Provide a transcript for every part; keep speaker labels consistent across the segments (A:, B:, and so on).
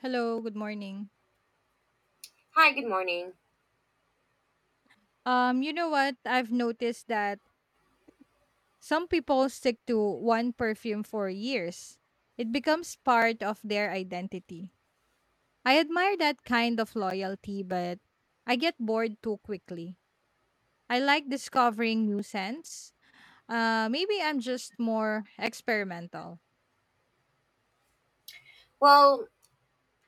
A: Hello, good morning.
B: Hi, good morning.
A: You know what? I've noticed that some people stick to one perfume for years. It becomes part of their identity. I admire that kind of loyalty, but I get bored too quickly. I like discovering new scents. Maybe I'm just more experimental.
B: Well,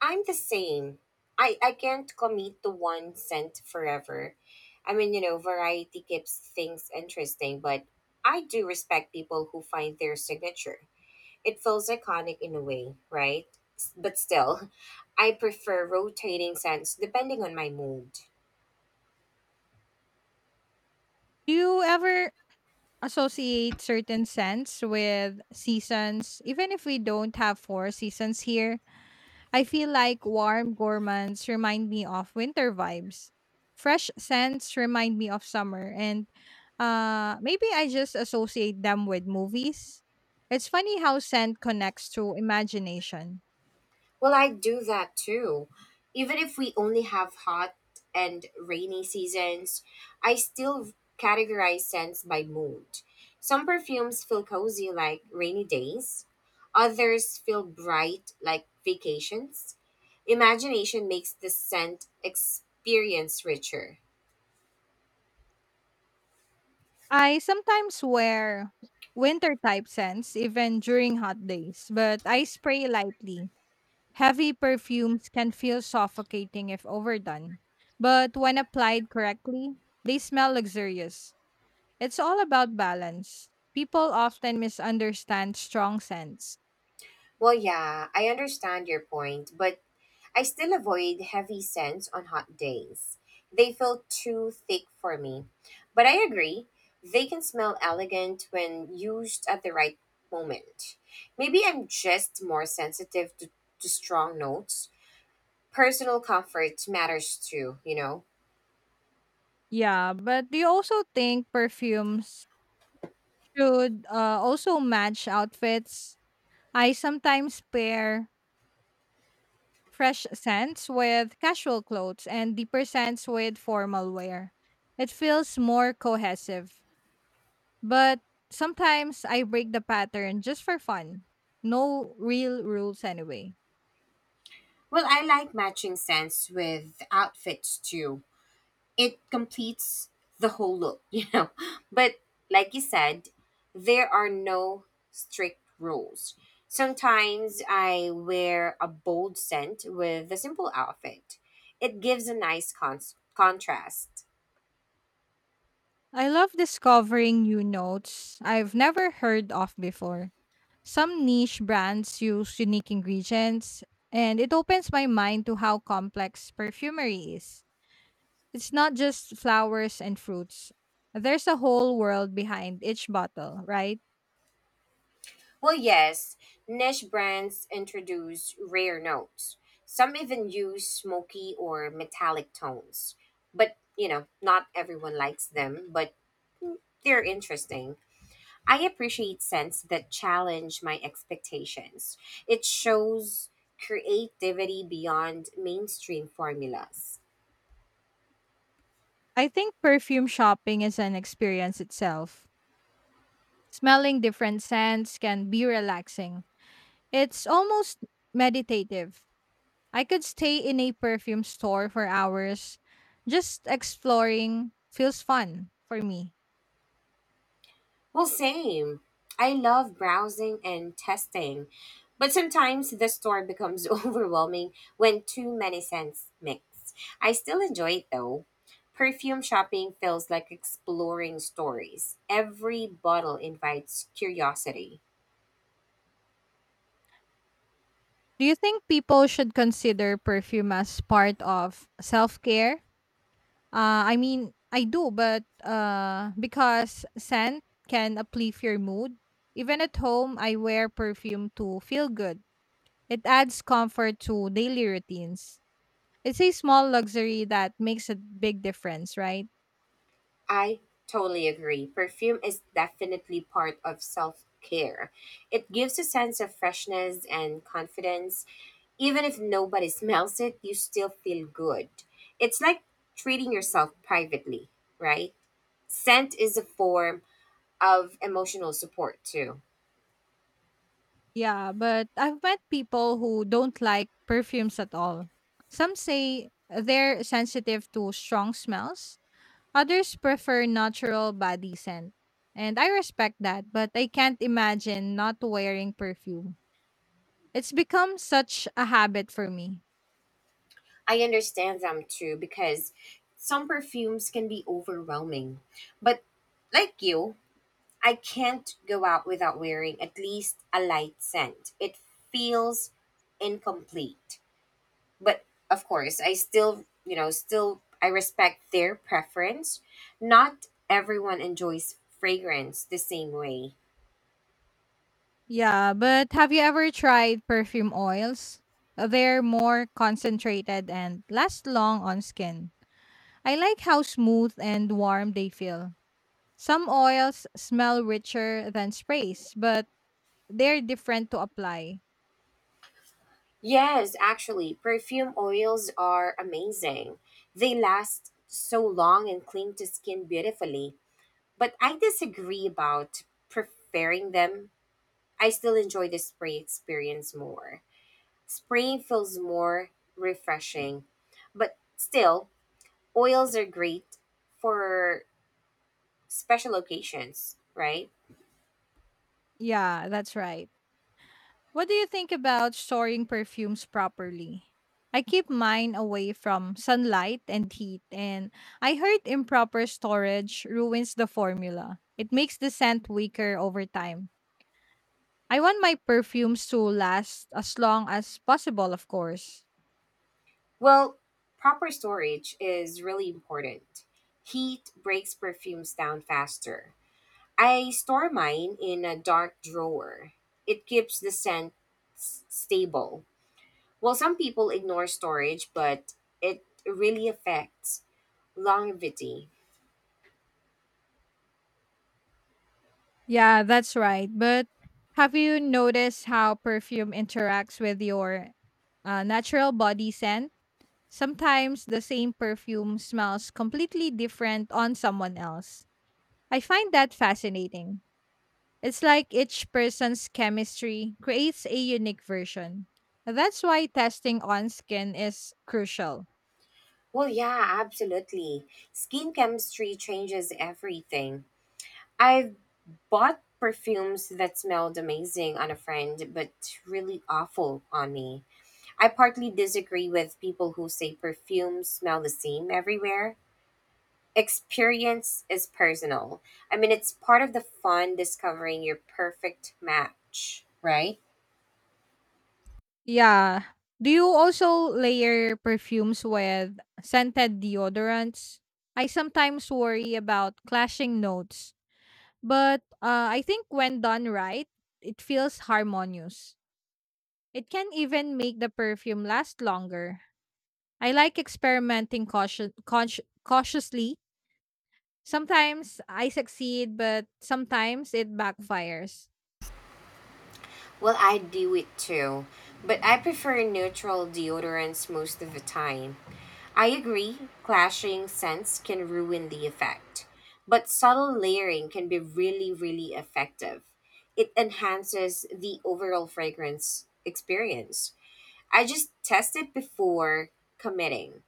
B: I'm the same. I can't commit to one scent forever. I mean, variety keeps things interesting, but I do respect people who find their signature. It feels iconic in a way, right? But still, I prefer rotating scents depending on my mood.
A: Do you ever associate certain scents with seasons, even if we don't have four seasons here? I feel like warm gourmands remind me of winter vibes. Fresh scents remind me of summer, and maybe I just associate them with movies. It's funny how scent connects to imagination.
B: Well, I do that too. Even if we only have hot and rainy seasons, I still categorize scents by mood. Some perfumes feel cozy like rainy days, others feel bright like vacations. Imagination makes the scent experience richer.
A: I sometimes wear winter type scents even during hot days, but I spray lightly. Heavy perfumes can feel suffocating if overdone, but when applied correctly, they smell luxurious. It's all about balance. People often misunderstand strong scents.
B: Well, yeah, I understand your point, but I still avoid heavy scents on hot days. They feel too thick for me. But I agree, they can smell elegant when used at the right moment. Maybe I'm just more sensitive to, strong notes. Personal comfort matters too, you know?
A: Yeah, but do you also think perfumes should, also match outfits? I sometimes pair fresh scents with casual clothes and deeper scents with formal wear. It feels more cohesive. But sometimes I break the pattern just for fun. No real rules anyway.
B: Well, I like matching scents with outfits too. It completes the whole look. But like you said, there are no strict rules. Sometimes I wear a bold scent with a simple outfit. It gives a nice contrast.
A: I love discovering new notes I've never heard of before. Some niche brands use unique ingredients, and it opens my mind to how complex perfumery is. It's not just flowers and fruits, there's a whole world behind each bottle, right?
B: Well, yes, niche brands introduce rare notes. Some even use smoky or metallic tones. But not everyone likes them, but they're interesting. I appreciate scents that challenge my expectations. It shows creativity beyond mainstream formulas.
A: I think perfume shopping is an experience itself. Smelling different scents can be relaxing. It's almost meditative. I could stay in a perfume store for hours. Just exploring feels fun for me.
B: Well, same. I love browsing and testing, but sometimes the store becomes overwhelming when too many scents mix. I still enjoy it though. Perfume shopping feels like exploring stories. Every bottle invites curiosity.
A: Do you think people should consider perfume as part of self care? I mean, I do, but because scent can uplift your mood. Even at home, I wear perfume to feel good. It adds comfort to daily routines. It's a small luxury that makes a big difference, right?
B: I totally agree. Perfume is definitely part of self care. It gives a sense of freshness and confidence. Even if nobody smells it, you still feel good. It's like treating yourself privately, right? Scent is a form of emotional support too.
A: Yeah, but I've met people who don't like perfumes at all. Some say they're sensitive to strong smells, others prefer natural body scent. And I respect that, but I can't imagine not wearing perfume. It's become such a habit for me.
B: I understand them too because some perfumes can be overwhelming. But like you, I can't go out without wearing at least a light scent. It feels incomplete. But of course, I still, still I respect their preference. Not everyone enjoys fragrance the same way.
A: Yeah, but have you ever tried perfume oils? They're more concentrated and last long on skin. I like how smooth and warm they feel. Some oils smell richer than sprays, but they're different to apply.
B: Yes, actually, perfume oils are amazing. They last so long and cling to skin beautifully. But I disagree about preferring them. I still enjoy the spray experience more. Spraying feels more refreshing. But still, oils are great for special occasions, right?
A: Yeah, that's right. What do you think about storing perfumes properly? I keep mine away from sunlight and heat, and I heard improper storage ruins the formula. It makes the scent weaker over time. I want my perfumes to last as long as possible, of course.
B: Well, proper storage is really important. Heat breaks perfumes down faster. I store mine in a dark drawer. It keeps the scent s- stable. Well, some people ignore storage, but it really affects longevity.
A: Yeah, that's right. But have you noticed how perfume interacts with your natural body scent? Sometimes the same perfume smells completely different on someone else. I find that fascinating. It's like each person's chemistry creates a unique version. That's why testing on skin is crucial.
B: Well, yeah, absolutely. Skin chemistry changes everything. I've bought perfumes that smelled amazing on a friend, but really awful on me. I partly disagree with people who say perfumes smell the same everywhere. Experience is personal. I mean, it's part of the fun discovering your perfect match, right?
A: Yeah. Do you also layer perfumes with scented deodorants? I sometimes worry about clashing notes, but I think when done right, it feels harmonious. It can even make the perfume last longer. I like experimenting cautiously. Sometimes I succeed, but sometimes it backfires.
B: Well, I do it too, but I prefer neutral deodorants most of the time. I agree, clashing scents can ruin the effect, but subtle layering can be really, really effective. It enhances the overall fragrance experience. I just tested before committing.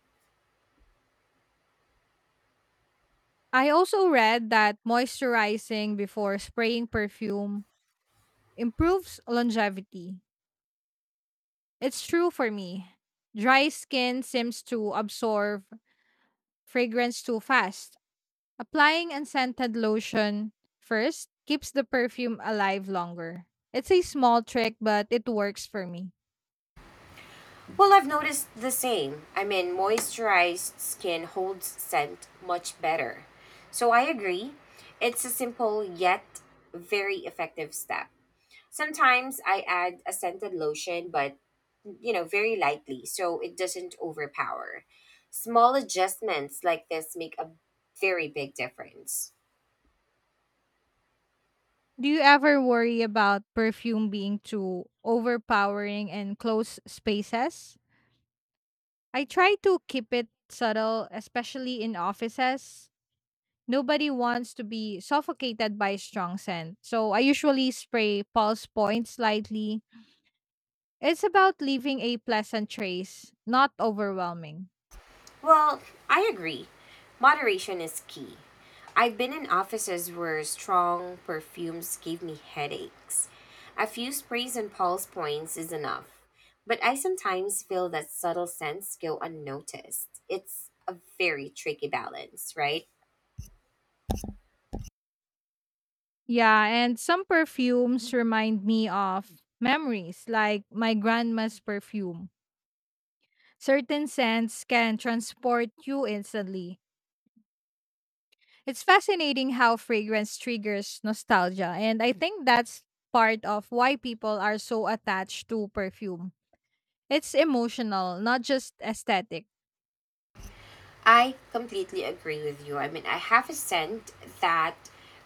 A: I also read that moisturizing before spraying perfume improves longevity. It's true for me. Dry skin seems to absorb fragrance too fast. Applying unscented lotion first keeps the perfume alive longer. It's a small trick, but it works for me.
B: Well, I've noticed the same. I mean, moisturized skin holds scent much better. So I agree. It's a simple yet very effective step. Sometimes I add a scented lotion, but you know, very lightly so it doesn't overpower. Small adjustments like this make a very big difference.
A: Do you ever worry about perfume being too overpowering in close spaces? I try to keep it subtle, especially in offices. Nobody wants to be suffocated by strong scent, so I usually spray pulse points lightly. It's about leaving a pleasant trace, not overwhelming.
B: Well, I agree. Moderation is key. I've been in offices where strong perfumes gave me headaches. A few sprays and pulse points is enough. But I sometimes feel that subtle scents go unnoticed. It's a very tricky balance, right?
A: Yeah, and some perfumes remind me of memories, like my grandma's perfume. Certain scents can transport you instantly. It's fascinating how fragrance triggers nostalgia, and I think that's part of why people are so attached to perfume. It's emotional, not just aesthetic.
B: I completely agree with you. I mean, I have a scent that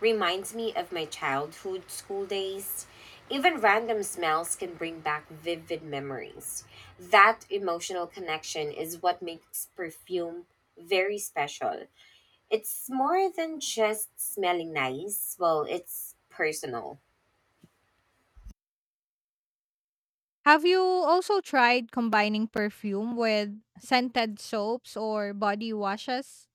B: reminds me of my childhood school days. Even random smells can bring back vivid memories. That emotional connection is what makes perfume very special. It's more than just smelling nice, well, it's personal.
A: Have you also tried combining perfume with scented soaps or body washes?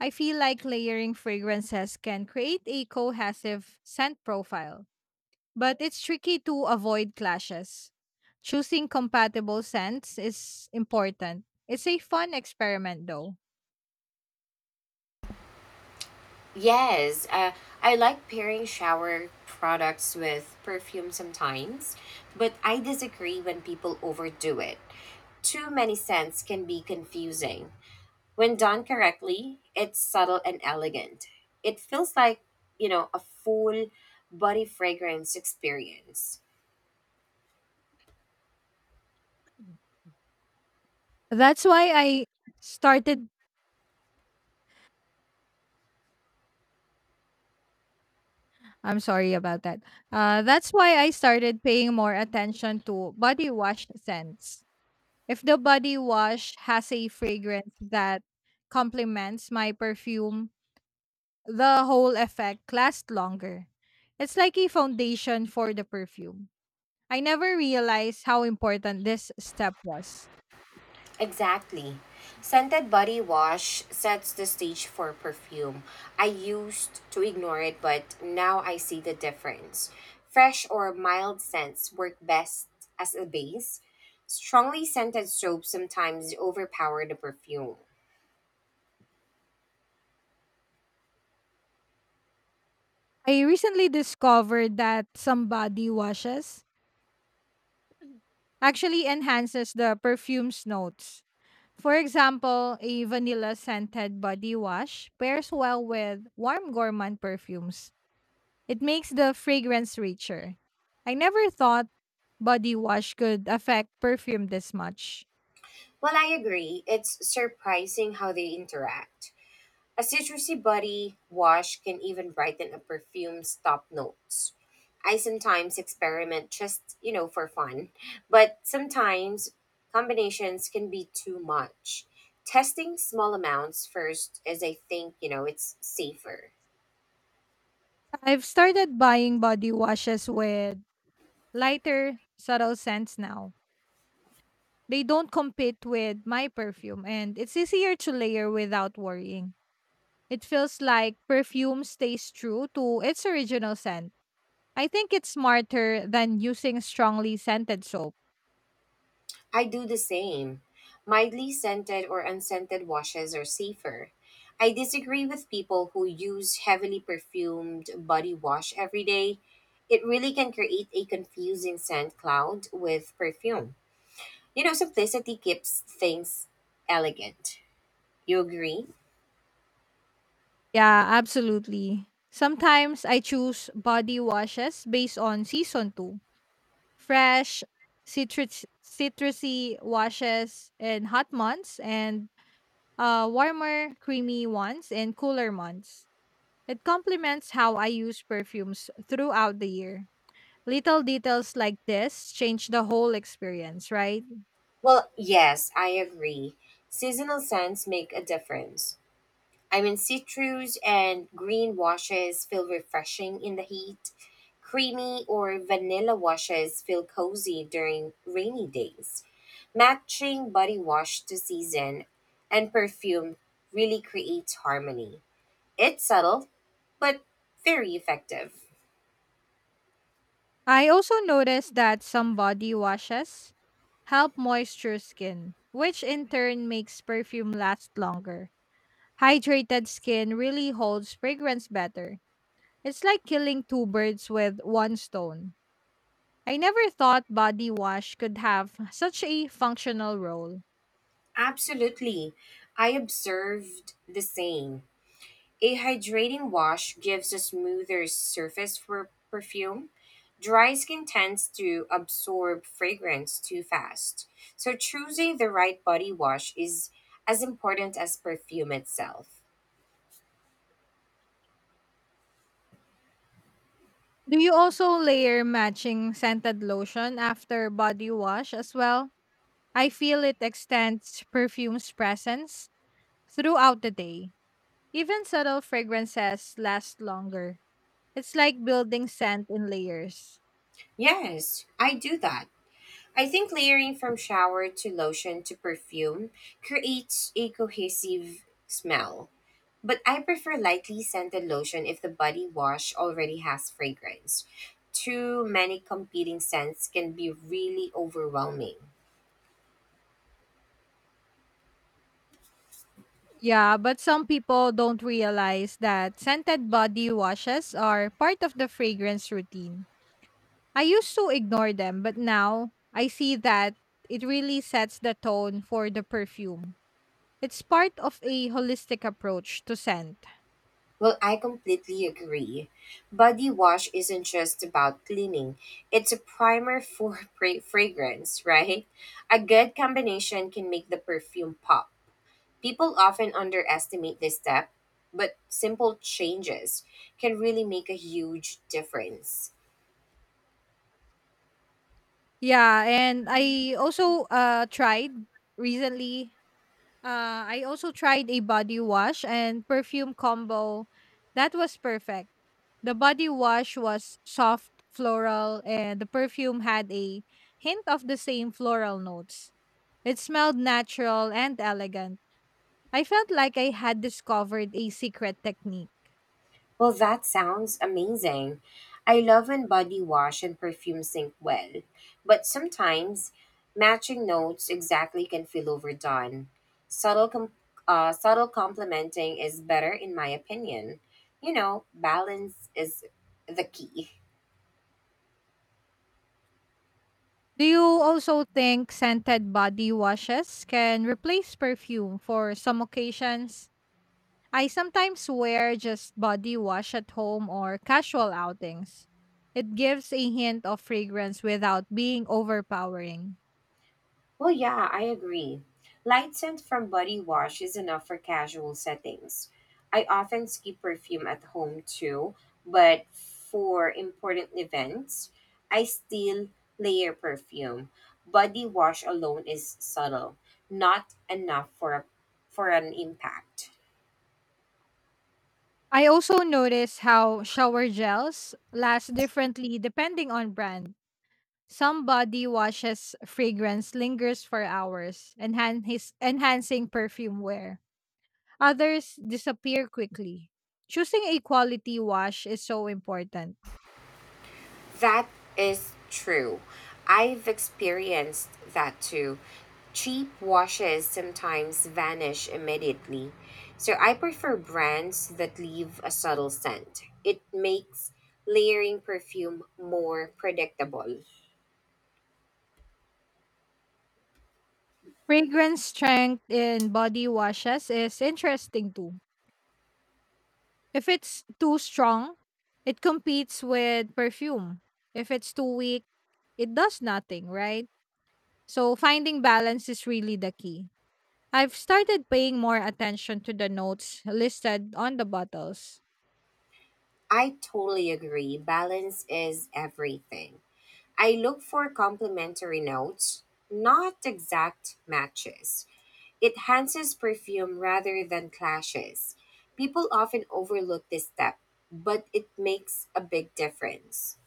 A: I feel like layering fragrances can create a cohesive scent profile, but it's tricky to avoid clashes. Choosing compatible scents is important. It's a fun experiment though.
B: Yes, I like pairing shower products with perfume sometimes, but I disagree when people overdo it. Too many scents can be confusing. When done correctly, it's subtle and elegant. It feels like, a full body fragrance experience.
A: That's why I started I'm sorry about that. That's why I started paying more attention to body wash scents. If the body wash has a fragrance that complements my perfume, the whole effect lasts longer. It's like a foundation for the perfume. I never realized how important this step was.
B: Exactly. Scented body wash sets the stage for perfume. I used to ignore it, but now I see the difference. Fresh or mild scents work best as a base. Strongly scented soaps sometimes overpower the perfume.
A: I recently discovered that somebody washes actually enhances the perfume's notes. For example, a vanilla scented body wash pairs well with warm gourmand perfumes. It makes the fragrance richer. I never thought body wash could affect perfume this much.
B: Well, I agree. It's surprising how they interact. A citrusy body wash can even brighten a perfume's top notes. I sometimes experiment just, for fun, but sometimes combinations can be too much. Testing small amounts first, as I think, it's safer.
A: I've started buying body washes with lighter, subtle scents now. They don't compete with my perfume, and it's easier to layer without worrying. It feels like perfume stays true to its original scent. I think it's smarter than using strongly scented soap.
B: I do the same. Mildly scented or unscented washes are safer. I disagree with people who use heavily perfumed body wash every day. It really can create a confusing scent cloud with perfume. Simplicity keeps things elegant. You agree?
A: Yeah, absolutely. Sometimes I choose body washes based on season too. Fresh, Citrusy washes in hot months and warmer, creamy ones in cooler months. It complements how I use perfumes throughout the year. Little details like this change the whole experience, right?
B: Well, yes, I agree. Seasonal scents make a difference. I mean, citrus and green washes feel refreshing in the heat. Creamy or vanilla washes feel cozy during rainy days. Matching body wash to season and perfume really creates harmony. It's subtle, but very effective.
A: I also noticed that some body washes help moisture skin, which in turn makes perfume last longer. Hydrated skin really holds fragrance better. It's like killing two birds with one stone. I never thought body wash could have such a functional role.
B: Absolutely. I observed the same. A hydrating wash gives a smoother surface for perfume. Dry skin tends to absorb fragrance too fast. So, choosing the right body wash is as important as perfume itself.
A: Do you also layer matching scented lotion after body wash as well? I feel it extends perfume's presence throughout the day. Even subtle fragrances last longer. It's like building scent in layers.
B: Yes, I do that. I think layering from shower to lotion to perfume creates a cohesive smell. But I prefer lightly scented lotion if the body wash already has fragrance. Too many competing scents can be really overwhelming.
A: Yeah, but some people don't realize that scented body washes are part of the fragrance routine. I used to ignore them, but now I see that it really sets the tone for the perfume. It's part of a holistic approach to scent.
B: Well, I completely agree. Body wash isn't just about cleaning, it's a primer for fragrance, right? A good combination can make the perfume pop. People often underestimate this step, but simple changes can really make a huge difference.
A: Yeah, and I also tried recently I also tried a body wash and perfume combo. That was perfect. The body wash was soft floral, and the perfume had a hint of the same floral notes. It smelled natural and elegant. I felt like I had discovered a secret technique.
B: Well, that sounds amazing. I love when body wash and perfume sync well, but sometimes matching notes exactly can feel overdone. Subtle, com- subtle complementing is better, in my opinion. Balance is the key.
A: Do you also think scented body washes can replace perfume for some occasions? I sometimes wear just body wash at home or casual outings. It gives a hint of fragrance without being overpowering.
B: Well, yeah, I agree. Light scent from body wash is enough for casual settings. I often skip perfume at home too, but for important events, I still layer perfume. Body wash alone is subtle, not enough for an impact.
A: I also notice how shower gels last differently depending on brand. Some body washes fragrance lingers for hours, enhancing perfume wear. Others disappear quickly. Choosing a quality wash is so important.
B: That is true. I've experienced that too. Cheap washes sometimes vanish immediately, so I prefer brands that leave a subtle scent. It makes layering perfume more predictable.
A: Fragrance strength in body washes is interesting too. If it's too strong, it competes with perfume. If it's too weak, it does nothing, right? So finding balance is really the key. I've started paying more attention to the notes listed on the bottles.
B: I totally agree. Balance is everything. I look for complementary notes, not exact matches. It enhances perfume rather than clashes. People often overlook this step, but it makes a big difference.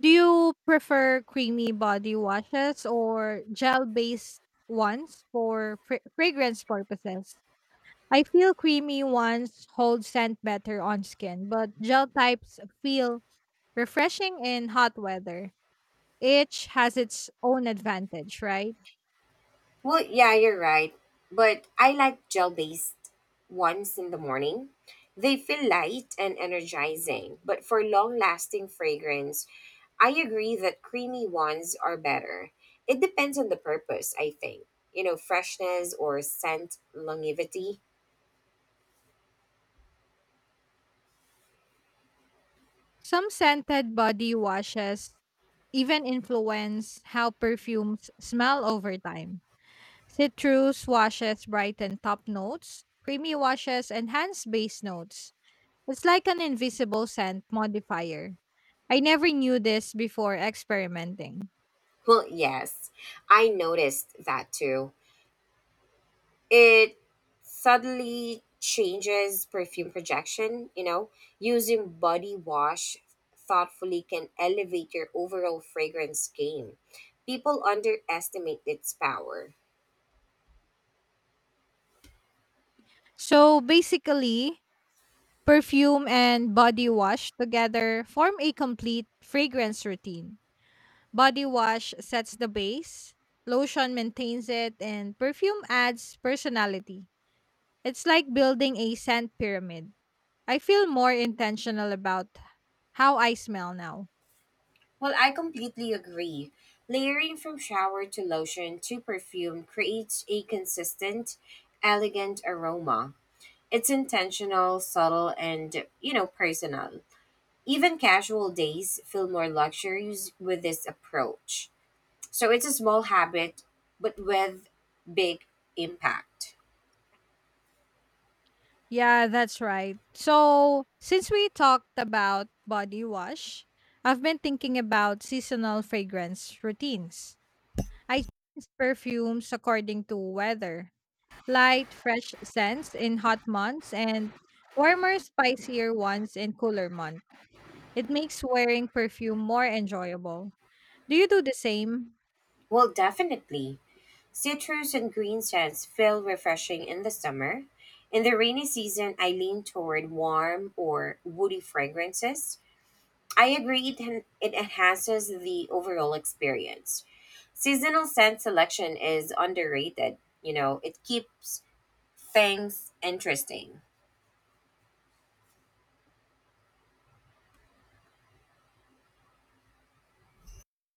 A: Do you prefer creamy body washes or gel based ones for fragrance purposes? I feel creamy ones hold scent better on skin, but gel types feel refreshing in hot weather. Each has its own advantage, right?
B: Well, yeah, you're right. But I like gel based ones in the morning. They feel light and energizing, but for long lasting fragrance, I agree that creamy ones are better. It depends on the purpose, I think. Freshness or scent longevity.
A: Some scented body washes even influence how perfumes smell over time. Citrus washes brighten top notes, creamy washes enhance base notes. It's like an invisible scent modifier. I never knew this before experimenting.
B: Well, yes, I noticed that too. It suddenly changes perfume projection, using body wash thoughtfully can elevate your overall fragrance game. People underestimate its power.
A: So basically, perfume and body wash together form a complete fragrance routine. Body wash sets the base, lotion maintains it, and perfume adds personality. It's like building a scent pyramid. I feel more intentional about how I smell now.
B: Well, I completely agree. Layering from shower to lotion to perfume creates a consistent, elegant aroma. It's intentional, subtle, and personal. Even casual days feel more luxurious with this approach. So it's a small habit, but with big impact.
A: Yeah, that's right. So, since we talked about body wash, I've been thinking about seasonal fragrance routines. I change perfumes according to weather. Light, fresh scents in hot months and warmer, spicier ones in cooler months. It makes wearing perfume more enjoyable. Do you do the same?
B: Well, definitely. Citrus and green scents feel refreshing in the summer. In the rainy season, I lean toward warm or woody fragrances. I agree it enhances the overall experience. Seasonal scent selection is underrated. It keeps things interesting.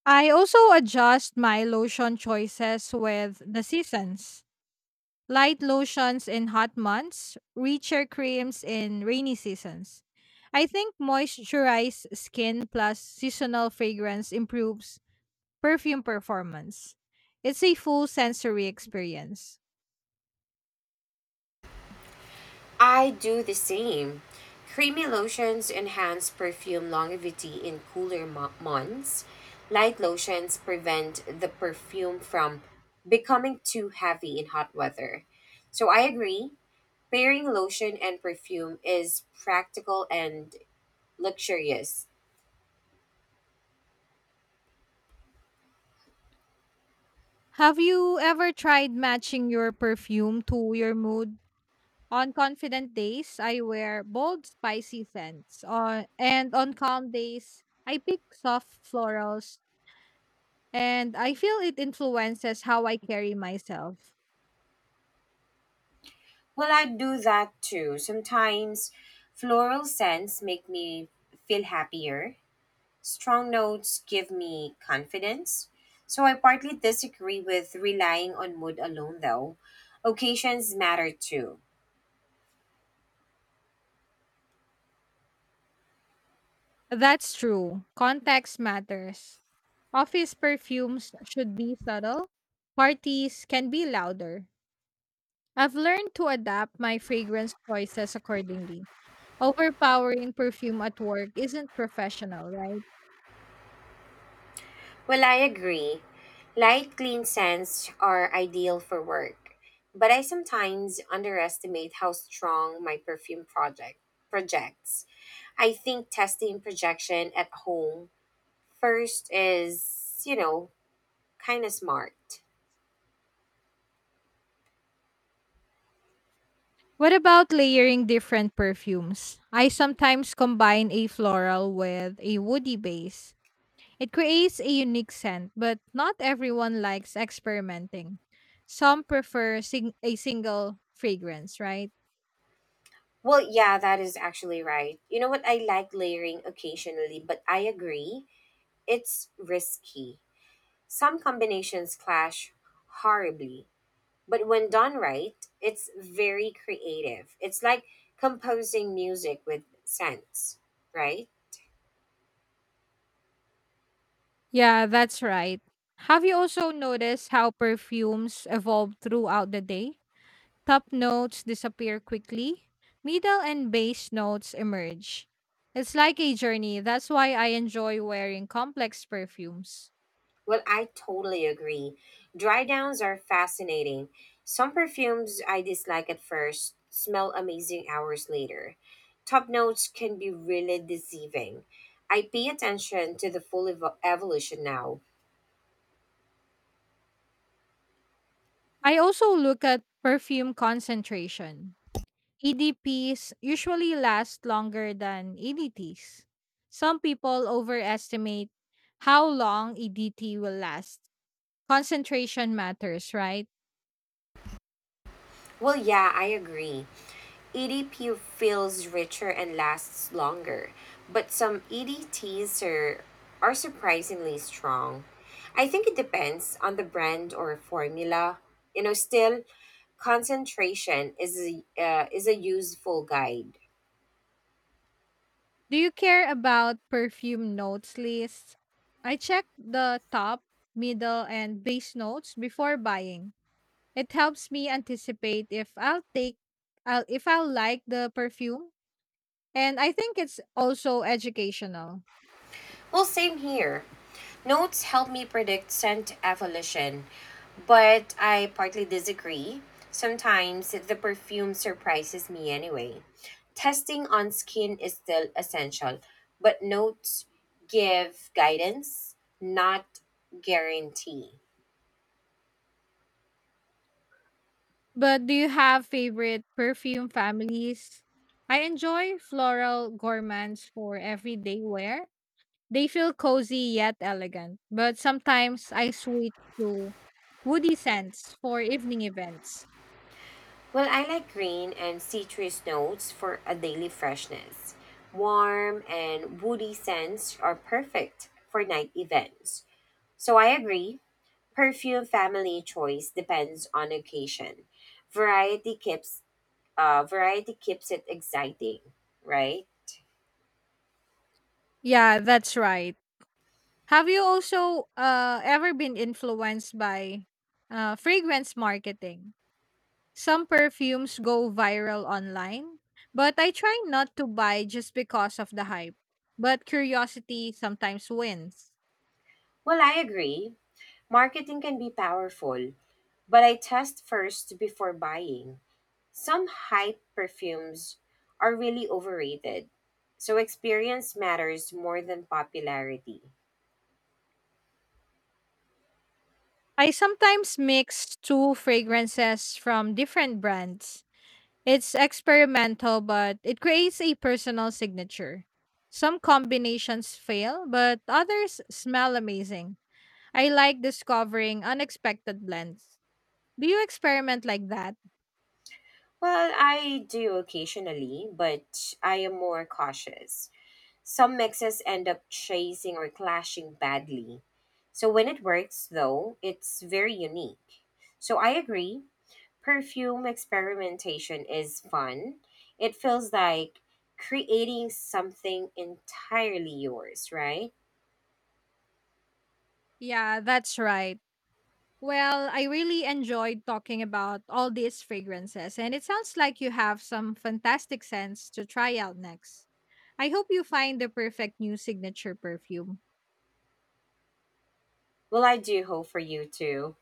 A: I also adjust my lotion choices with the seasons. Light lotions in hot months, richer creams in rainy seasons. I think moisturized skin plus seasonal fragrance improves perfume performance. It's a full sensory experience.
B: I do the same. Creamy lotions enhance perfume longevity in cooler months. Light lotions prevent the perfume from becoming too heavy in hot weather. So I agree, pairing lotion and perfume is practical and luxurious.
A: Have you ever tried matching your perfume to your mood? On confident days, I wear bold, spicy scents. On calm days, I pick soft florals, and I feel it influences how I carry myself.
B: Well, I do that too. Sometimes floral scents make me feel happier. Strong notes give me confidence. So I partly disagree with relying on mood alone, though. Occasions matter too.
A: That's true. Context matters. Office perfumes should be subtle. Parties can be louder. I've learned to adapt my fragrance choices accordingly. Overpowering perfume at work isn't professional, right?
B: Well, I agree. Light, clean scents are ideal for work, but I sometimes underestimate how strong my perfume projects. I think testing projection at home first is, kind of smart.
A: What about layering different perfumes? I sometimes combine a floral with a woody base. It creates a unique scent, but not everyone likes experimenting. Some prefer a single fragrance, right?
B: Well, yeah, that is actually right. You know what? I like layering occasionally, but I agree. It's risky. Some combinations clash horribly, but when done right, it's very creative. It's like composing music with sense, right?
A: Yeah, that's right. Have you also noticed how perfumes evolve throughout the day? Top notes disappear quickly, middle and base notes emerge. It's like a journey. That's why I enjoy wearing complex perfumes.
B: Well, I totally agree. Dry downs are fascinating. Some perfumes I dislike at first smell amazing hours later. Top notes can be really deceiving. I pay attention to the full evolution now.
A: I also look at perfume concentration. EDPs usually last longer than EDTs. Some people overestimate how long EDT will last. Concentration matters, right?
B: Well, yeah, I agree. EDP feels richer and lasts longer, but some EDTs are surprisingly strong. I think it depends on the brand or formula. Still, concentration is a useful guide.
A: Do you care about perfume notes lists? I check the top, middle, and base notes before buying. It helps me anticipate if if I'll like the perfume, and I think it's also educational.
B: Well, same here. Notes help me predict scent evolution, but I partly disagree. Sometimes the perfume surprises me anyway. Testing on skin is still essential, but notes give guidance, not guarantee.
A: But do you have favorite perfume families? I enjoy floral gourmands for everyday wear. They feel cozy yet elegant, but sometimes I switch to woody scents for evening events.
B: Well, I like green and citrus notes for a daily freshness. Warm and woody scents are perfect for night events. So I agree. Perfume family choice depends on occasion. Variety keeps variety keeps it exciting, right?
A: Yeah, that's right. Have you also ever been influenced by fragrance marketing? Some perfumes go viral online, but I try not to buy just because of the hype. But curiosity sometimes wins.
B: Well, I agree. Marketing can be powerful, but I test first before buying. Some hype perfumes are really overrated. So experience matters more than popularity.
A: I sometimes mix two fragrances from different brands. It's experimental, but it creates a personal signature. Some combinations fail, but others smell amazing. I like discovering unexpected blends. Do you experiment like that?
B: Well, I do occasionally, but I am more cautious. Some mixes end up chasing or clashing badly. So when it works, though, it's very unique. So I agree, perfume experimentation is fun. It feels like creating something entirely yours, right?
A: Yeah, that's right. Well, I really enjoyed talking about all these fragrances, and it sounds like you have some fantastic scents to try out next. I hope you find the perfect new signature perfume.
B: Well, I do hope for you too.